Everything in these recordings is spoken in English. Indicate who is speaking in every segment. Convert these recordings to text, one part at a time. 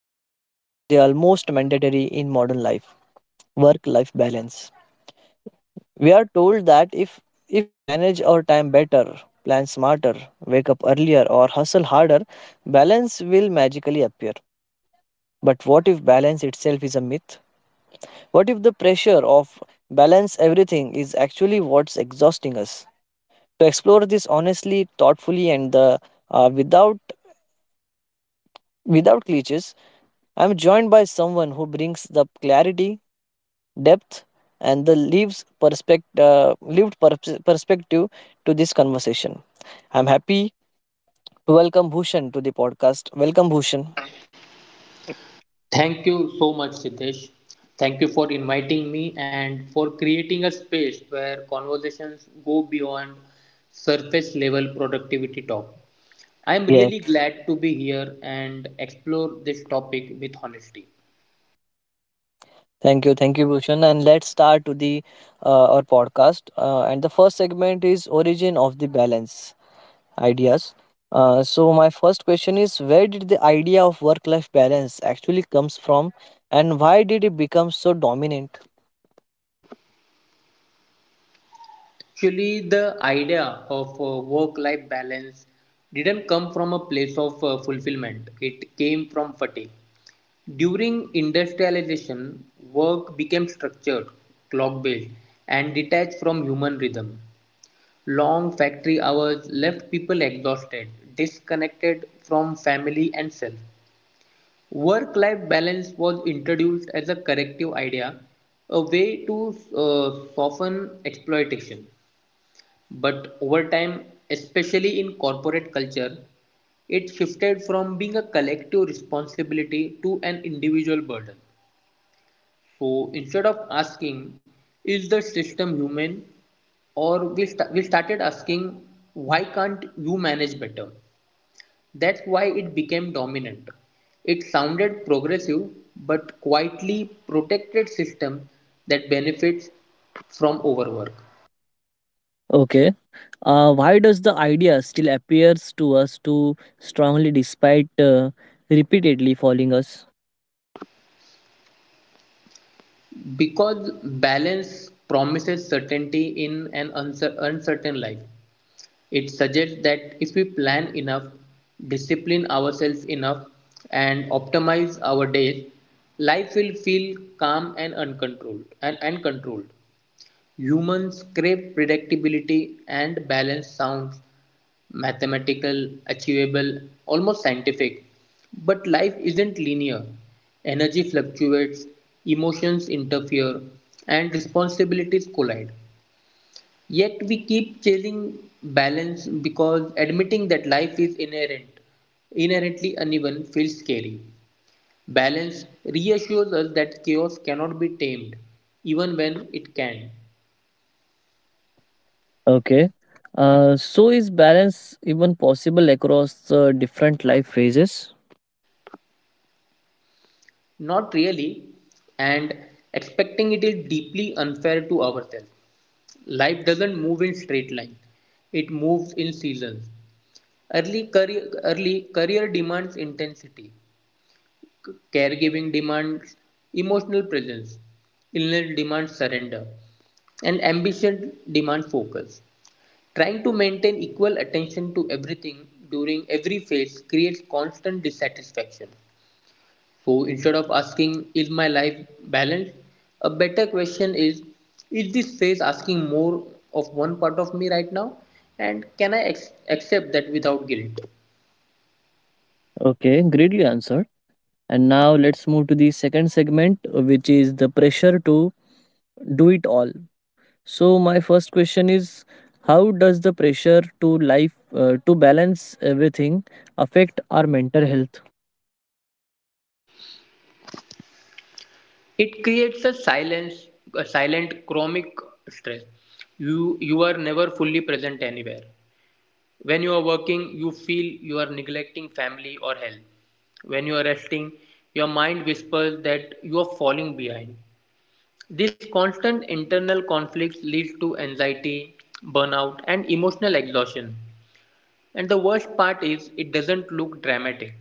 Speaker 1: aspirational, and they are almost mandatory in modern life work-life balance. We are told that if we manage our time better, plan smarter, wake up earlier, or hustle harder, balance will magically appear. But what if balance itself is a myth? What if the pressure of balance everything is actually what's exhausting us? To explore this honestly, thoughtfully, without without cliches. I'm joined by someone who brings the clarity, depth, and the lived perspective to this conversation. I'm happy to welcome Bhushan to the podcast. Welcome, Bhushan.
Speaker 2: Thank you so much, Siddesh. Thank you for inviting me and for creating a space where conversations go beyond surface level productivity talk. I'm
Speaker 1: Yes,
Speaker 2: really glad to be here and explore this topic with honesty.
Speaker 1: thank you, Bhushan. And let's start to the our podcast. And the first segment is origin of the balance ideas. So my first question is, where did the idea of work life balance actually comes from, and why did it become so dominant?
Speaker 2: Actually, the idea of work life balance didn't come from a place of fulfillment, it came from fatigue. During industrialization, work became structured, clock based, and detached from human rhythm. Long factory hours left people exhausted, disconnected from family and self. Work life balance was introduced as a corrective idea, a way to soften exploitation. But over time, especially in corporate culture, it shifted from being a collective responsibility to an individual burden. So instead of asking, is the system human? We started asking, why can't you manage better? That's why it became dominant. It sounded progressive but quietly protected system that benefits from overwork.
Speaker 1: Okay. Why does the idea still appears to us too strongly despite repeatedly following us?
Speaker 2: Because balance promises certainty in an uncertain life. It suggests that if we plan enough, discipline ourselves enough, and optimize our days, life will feel calm and uncontrolled and controlled. Humans crave predictability and balance sounds mathematical, achievable, almost scientific. But life isn't linear. Energy fluctuates, emotions interfere, and responsibilities collide. Yet we keep chasing balance because admitting that inherently uneven feels scary. Balance reassures us that chaos cannot be tamed, even when it can.
Speaker 1: Okay. So is balance even possible across different life phases?
Speaker 2: Not really, and expecting it is deeply unfair to ourselves. Life doesn't move in straight lines, it moves in seasons. Early career demands intensity. Caregiving demands emotional presence, illness demands surrender, and ambition demands focus. Trying to maintain equal attention to everything during every phase creates constant dissatisfaction. So instead of asking, is my life balanced? A better question is this phase asking more of one part of me right now? And can I accept that without guilt?
Speaker 1: Okay, greatly answered. And now let's move to the second segment, which is the pressure to do it all. So my first question is, how does the pressure to life to balance everything affect our mental health?
Speaker 2: It creates a silence, a silent chronic stress. You are never fully present anywhere. When you are working, you feel you are neglecting family or health. When you are resting, your mind whispers that you are falling behind. This constant internal conflict leads to anxiety, burnout, and emotional exhaustion. And the worst part is it doesn't look dramatic.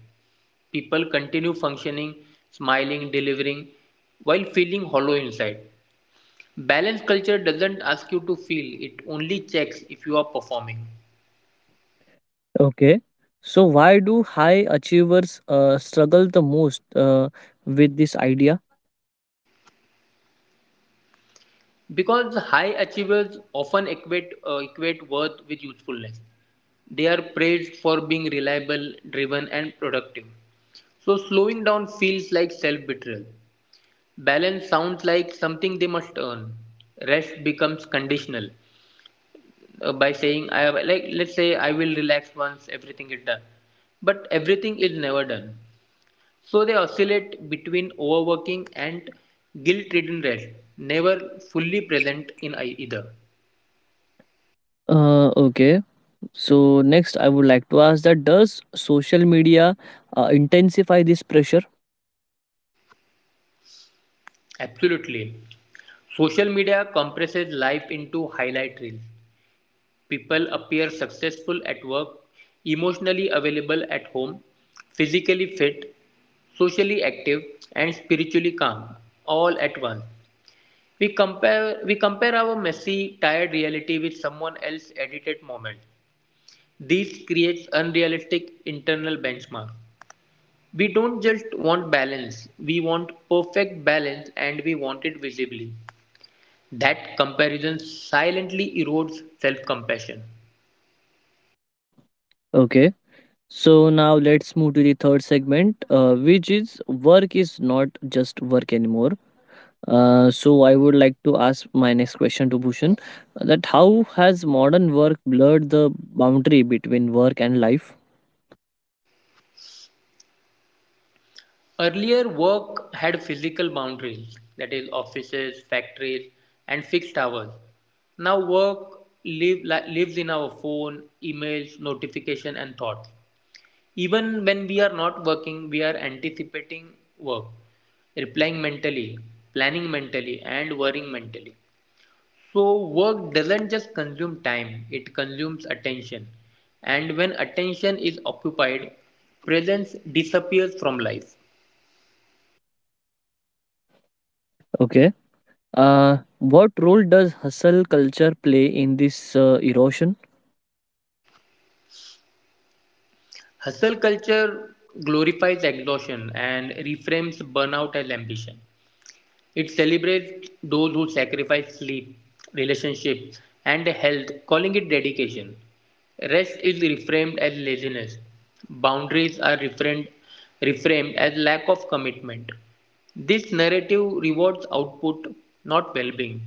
Speaker 2: People continue functioning, smiling, delivering, while feeling hollow inside. Balanced culture doesn't ask you to feel, it only checks if you are performing.
Speaker 1: Okay. So why do high achievers struggle the most with this idea?
Speaker 2: Because high achievers often equate worth with usefulness. They are praised for being reliable, driven, and productive. So, slowing down feels like self betrayal. Balance sounds like something they must earn. Rest becomes conditional by saying, I have, like, let's say, I will relax once everything is done. But everything is never done. So they oscillate between overworking and guilt-ridden rest, never fully present in either.
Speaker 1: Okay. So next I would like to ask that, does social media intensify this pressure?
Speaker 2: Absolutely. Social media compresses life into highlight reels. People appear successful at work, emotionally available at home, physically fit, socially active and spiritually calm all at once. We compare our messy, tired reality with someone else's edited moment. This creates unrealistic internal benchmark. We don't just want balance, we want perfect balance and we want it visibly. That comparison silently erodes self compassion.
Speaker 1: Okay. So now let's move to the third segment, which is work is not just work anymore. So I would like to ask my next question to Bhushan, that how has modern work blurred the boundary between work and life?
Speaker 2: Earlier, work had physical boundaries, that is, offices, factories, and fixed hours. Now, lives in our phone, emails, notification, and thoughts. Even when we are not working, we are anticipating work, replying mentally, planning mentally, and worrying mentally. So, work doesn't just consume time, it consumes attention. And when attention is occupied, presence disappears from life.
Speaker 1: Okay. What role does hustle culture play in this erosion?
Speaker 2: Hustle culture glorifies exhaustion and reframes burnout as ambition. It celebrates those who sacrifice sleep, relationships, and health, calling it dedication. Rest is reframed as laziness. Boundaries are reframed, reframed as lack of commitment. This narrative rewards output, not well being.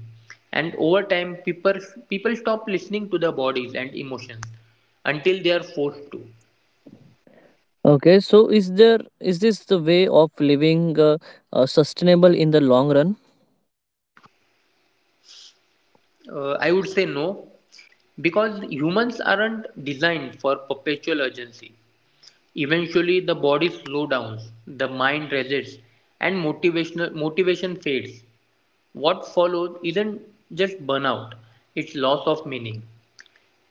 Speaker 2: And over time, people stop listening to their bodies and emotions until they are forced to.
Speaker 1: Okay, so is this the way of living sustainable in the long run?
Speaker 2: I would say no, because humans aren't designed for perpetual urgency. Eventually the body slows down, the mind resists, and motivation fades. What follows isn't just burnout, it's loss of meaning.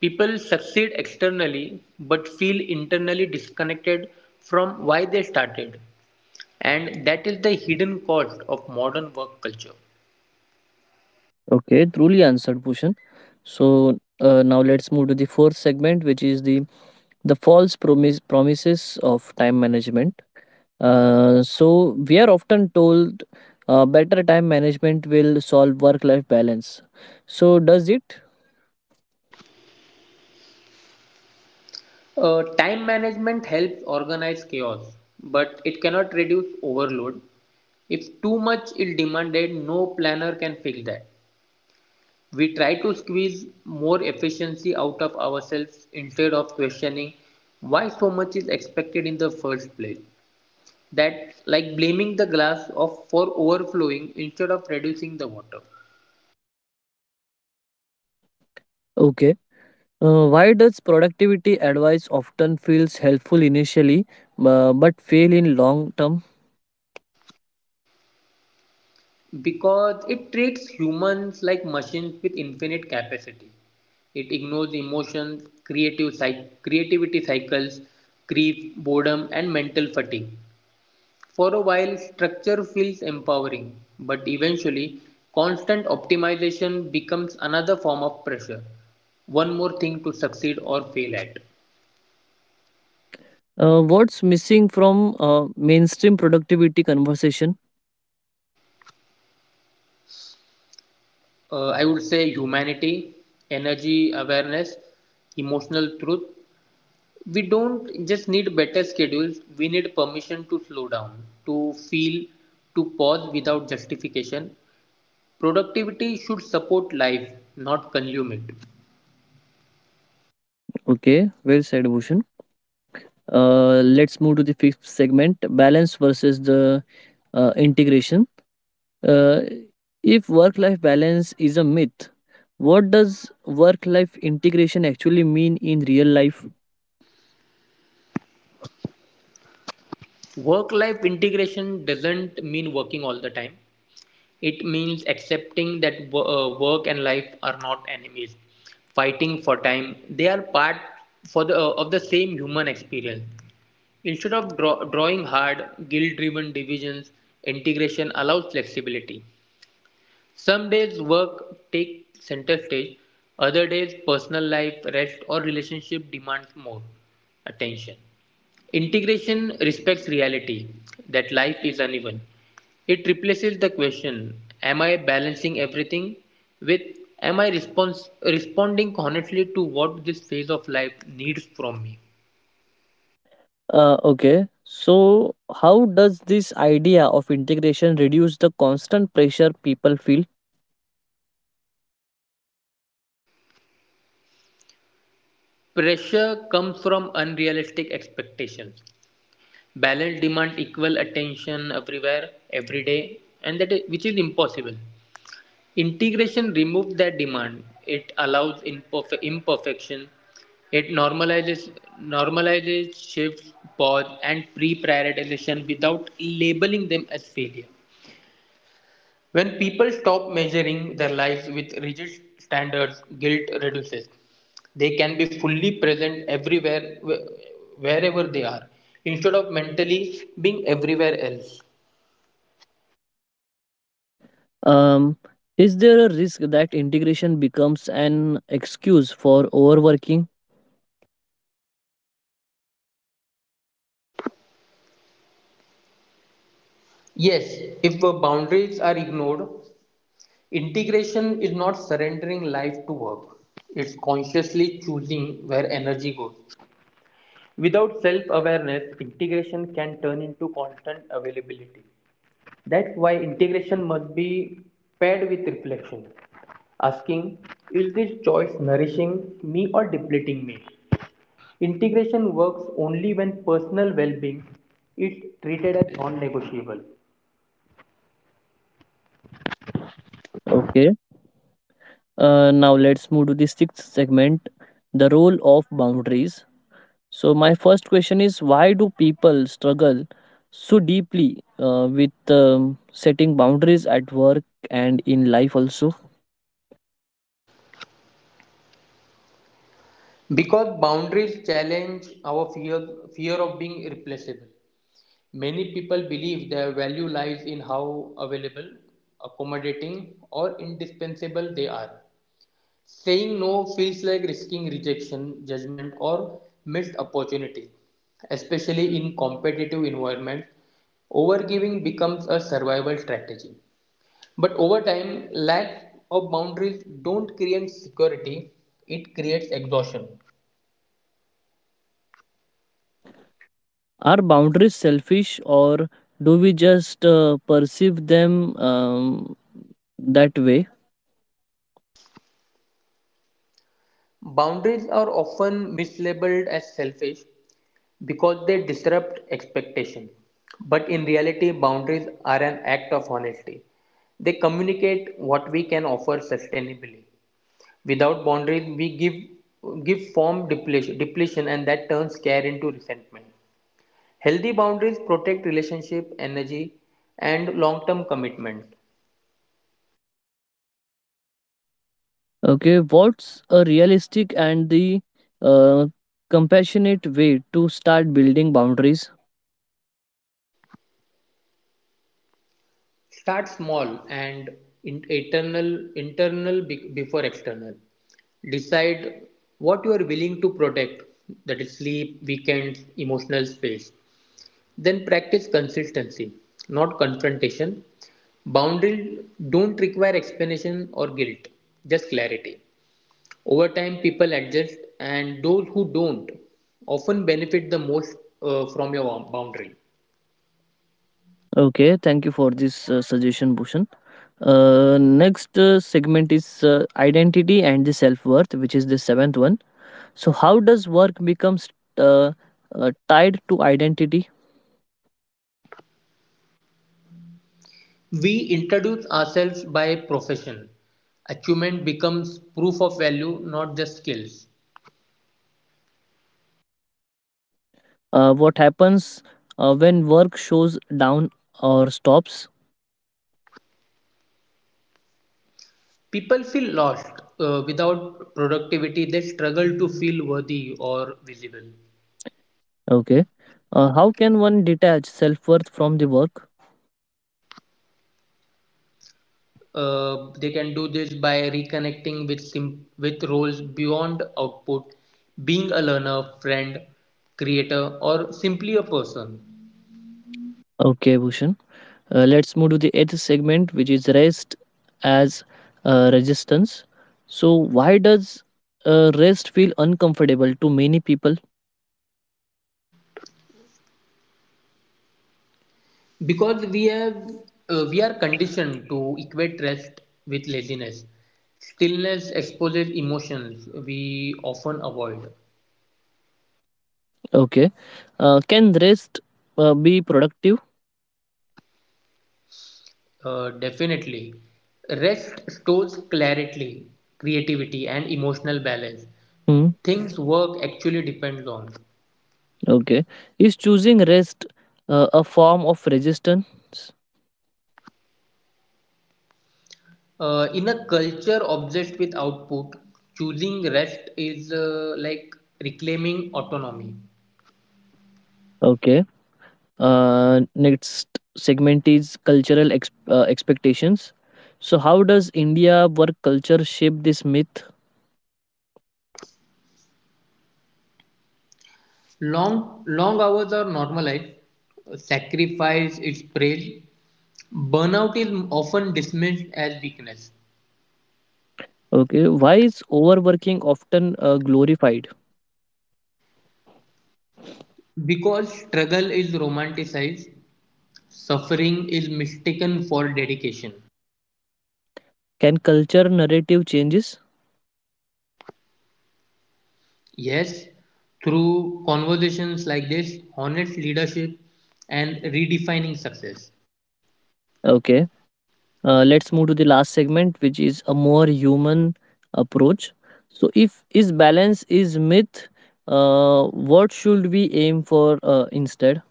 Speaker 2: People succeed externally but feel internally disconnected from why they started. And that is the hidden cost of modern work culture.
Speaker 1: Okay, truly answered, Bhushan. So now let's move to the fourth segment, which is the false promises of time management. So we are often told, better time management will solve work life balance. So does it?
Speaker 2: Time management helps organize chaos, but it cannot reduce overload. If too much is demanded, no planner can fix that. We try to squeeze more efficiency out of ourselves instead of questioning why so much is expected in the first place. That's like blaming the glass of for overflowing instead of reducing the water.
Speaker 1: Okay. Why does productivity advice often feels helpful initially but fail in long term?
Speaker 2: Because it treats humans like machines with infinite capacity. It ignores emotions, creative creativity cycles, grief, boredom, and mental fatigue. For a while, structure feels empowering, but eventually, constant optimization becomes another form of pressure. One more thing to succeed or fail at.
Speaker 1: What's missing from mainstream productivity conversation?
Speaker 2: I would say humanity, energy awareness, emotional truth. We don't just need better schedules, we need permission to slow down, to feel, to pause without justification. Productivity should support life, not consume it.
Speaker 1: Okay, well said, Bhushan. Let's move to the fifth segment, balance versus the integration. Uh, if work life balance is a myth, what does work life integration actually mean in real life?
Speaker 2: Work life integration doesn't mean working all the time. It means accepting that work and life are not enemies. Fighting for time, they are part of the same human experience. Instead of drawing hard, guilt driven divisions, integration allows flexibility. Some days work takes center stage, other days personal life, rest, or relationship demands more attention. Integration respects reality that life is uneven. It replaces the question, am I balancing everything, with, Am I response responding honestly to what this phase of life needs from me?
Speaker 1: Okay, so how does this idea of integration reduce the constant pressure people feel?
Speaker 2: Pressure comes from unrealistic expectations. Balance demand equal attention everywhere, every day, and that is, which is impossible. Integration removes that demand; it allows imperfection; it normalizes shifts, pause, and pre-prioritization without labeling them as failure. When people stop measuring their lives with rigid standards, guilt reduces. They can be fully present everywhere, wherever they are, instead of mentally being everywhere else.
Speaker 1: Um, is there a risk that integration becomes an excuse for overworking?
Speaker 2: Yes, if boundaries are ignored. Integration is not surrendering life to work, it's consciously choosing where energy goes. Without self awareness, integration can turn into constant availability. That's why integration must be paired with reflection, asking, is this choice nourishing me or depleting me? Integration works only when personal well being is treated as non negotiable.
Speaker 1: Okay, now let's move to the sixth segment, the role of boundaries. So, my first question is, why do people struggle so deeply with setting boundaries at work and in life also?
Speaker 2: Because boundaries challenge our fear of being replaceable. Many people believe their value lies in how available, accommodating, or indispensable they are. Saying no feels like risking rejection, judgment, or missed opportunity. Especially in competitive environments, overgiving becomes a survival strategy. But over time, lack of boundaries don't create security, it creates exhaustion.
Speaker 1: Are boundaries selfish, or do we just perceive them that way?
Speaker 2: Boundaries are often mislabeled as selfish, because they disrupt expectation. But in reality, boundaries are an act of honesty. They communicate what we can offer sustainably. Without boundaries, we give form depletion and that turns care into resentment. Healthy boundaries protect relationship, energy, and long-term commitment.
Speaker 1: Okay, what's a realistic and the uh, compassionate way to start building boundaries?
Speaker 2: Start small and internal before external. Decide what you are willing to protect, that is sleep, weekends, emotional space. Then practice consistency, not confrontation. Boundaries don't require explanation or guilt, just clarity. Over time, people adjust, and those who don't often benefit the most from your boundary.
Speaker 1: Okay, thank you for this suggestion, Bhushan. Next segment is identity and the self worth, which is the seventh one. So, how does work becomes uh, tied to identity?
Speaker 2: We introduce ourselves by profession. Achievement becomes proof of value, not just skills.
Speaker 1: What happens when work shows down or stops?
Speaker 2: People feel lost. Without productivity, they struggle to feel worthy or visible.
Speaker 1: Okay. How can one detach self worth from the work?
Speaker 2: They can do this by reconnecting with with roles beyond output, being a learner, friend, creator, or simply a person.
Speaker 1: Okay, Bhushan. Let's move to the eighth segment, which is rest as resistance. So, why does rest feel uncomfortable to many people?
Speaker 2: Because we have we are conditioned to equate rest with laziness. Stillness exposes emotions we often avoid.
Speaker 1: Okay. Can rest be productive?
Speaker 2: Definitely, rest stores clarity, creativity and emotional balance,
Speaker 1: Hmm.
Speaker 2: things work actually depends on.
Speaker 1: Okay. Is choosing rest a form of resistance?
Speaker 2: In a culture obsessed with output, choosing rest is like reclaiming autonomy.
Speaker 1: Okay. Next segment is cultural expectations. So, how does India work culture shape this myth?
Speaker 2: Long hours are normalized, sacrifice is praised. Burnout is often dismissed as weakness
Speaker 1: Okay. Why is overworking often glorified?
Speaker 2: because struggle is romanticized, suffering is mistaken for dedication.
Speaker 1: Can culture narrative changes?
Speaker 2: Yes, through conversations like this, honest leadership and redefining success.
Speaker 1: Okay. Let's move to the last segment, which is a more human approach. So, if is balance is myth, what should we aim for instead?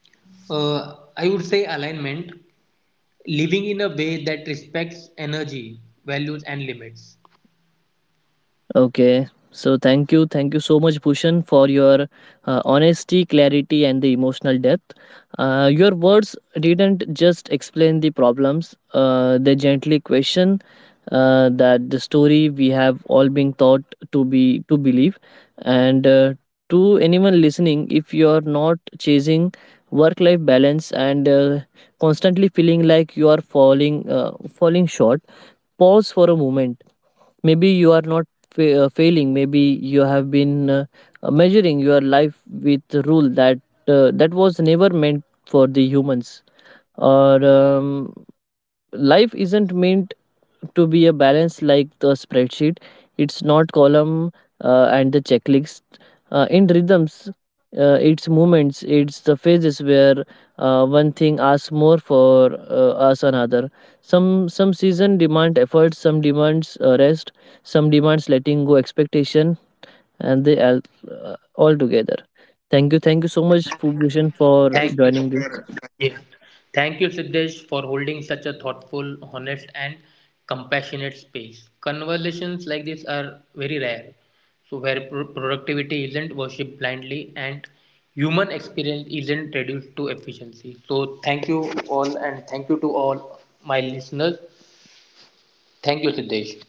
Speaker 2: I would say alignment, living in a way that respects energy, values, and limits.
Speaker 1: Okay. So thank you so much, Bhushan, for your honesty, clarity, and the emotional depth. Your words didn't just explain the problems; they gently question that the story we have all been taught to be to believe. And to anyone listening, if you are not chasing work-life balance and constantly feeling like you are falling short, pause for a moment. Maybe you are not failing. Maybe you have been measuring your life with a rule that was never meant for the humans. Or Life isn't meant to be a balance like the spreadsheet. It's not column and the checklist. In rhythms, it's movements, it's the phases where one thing asks more for us another. Some season demand effort, some demands rest, some demands letting go expectation, and they all together. Thank you so much, Bhushan, for
Speaker 2: Thank you
Speaker 1: joining
Speaker 2: for
Speaker 1: this.
Speaker 2: yes. Thank you, Siddesh, for holding such a thoughtful, honest, and compassionate space. Conversations like this are very rare, so where productivity isn't worshipped blindly and human experience isn't reduced to efficiency. So, thank you all, and thank you to all my listeners. Thank you, Siddesh.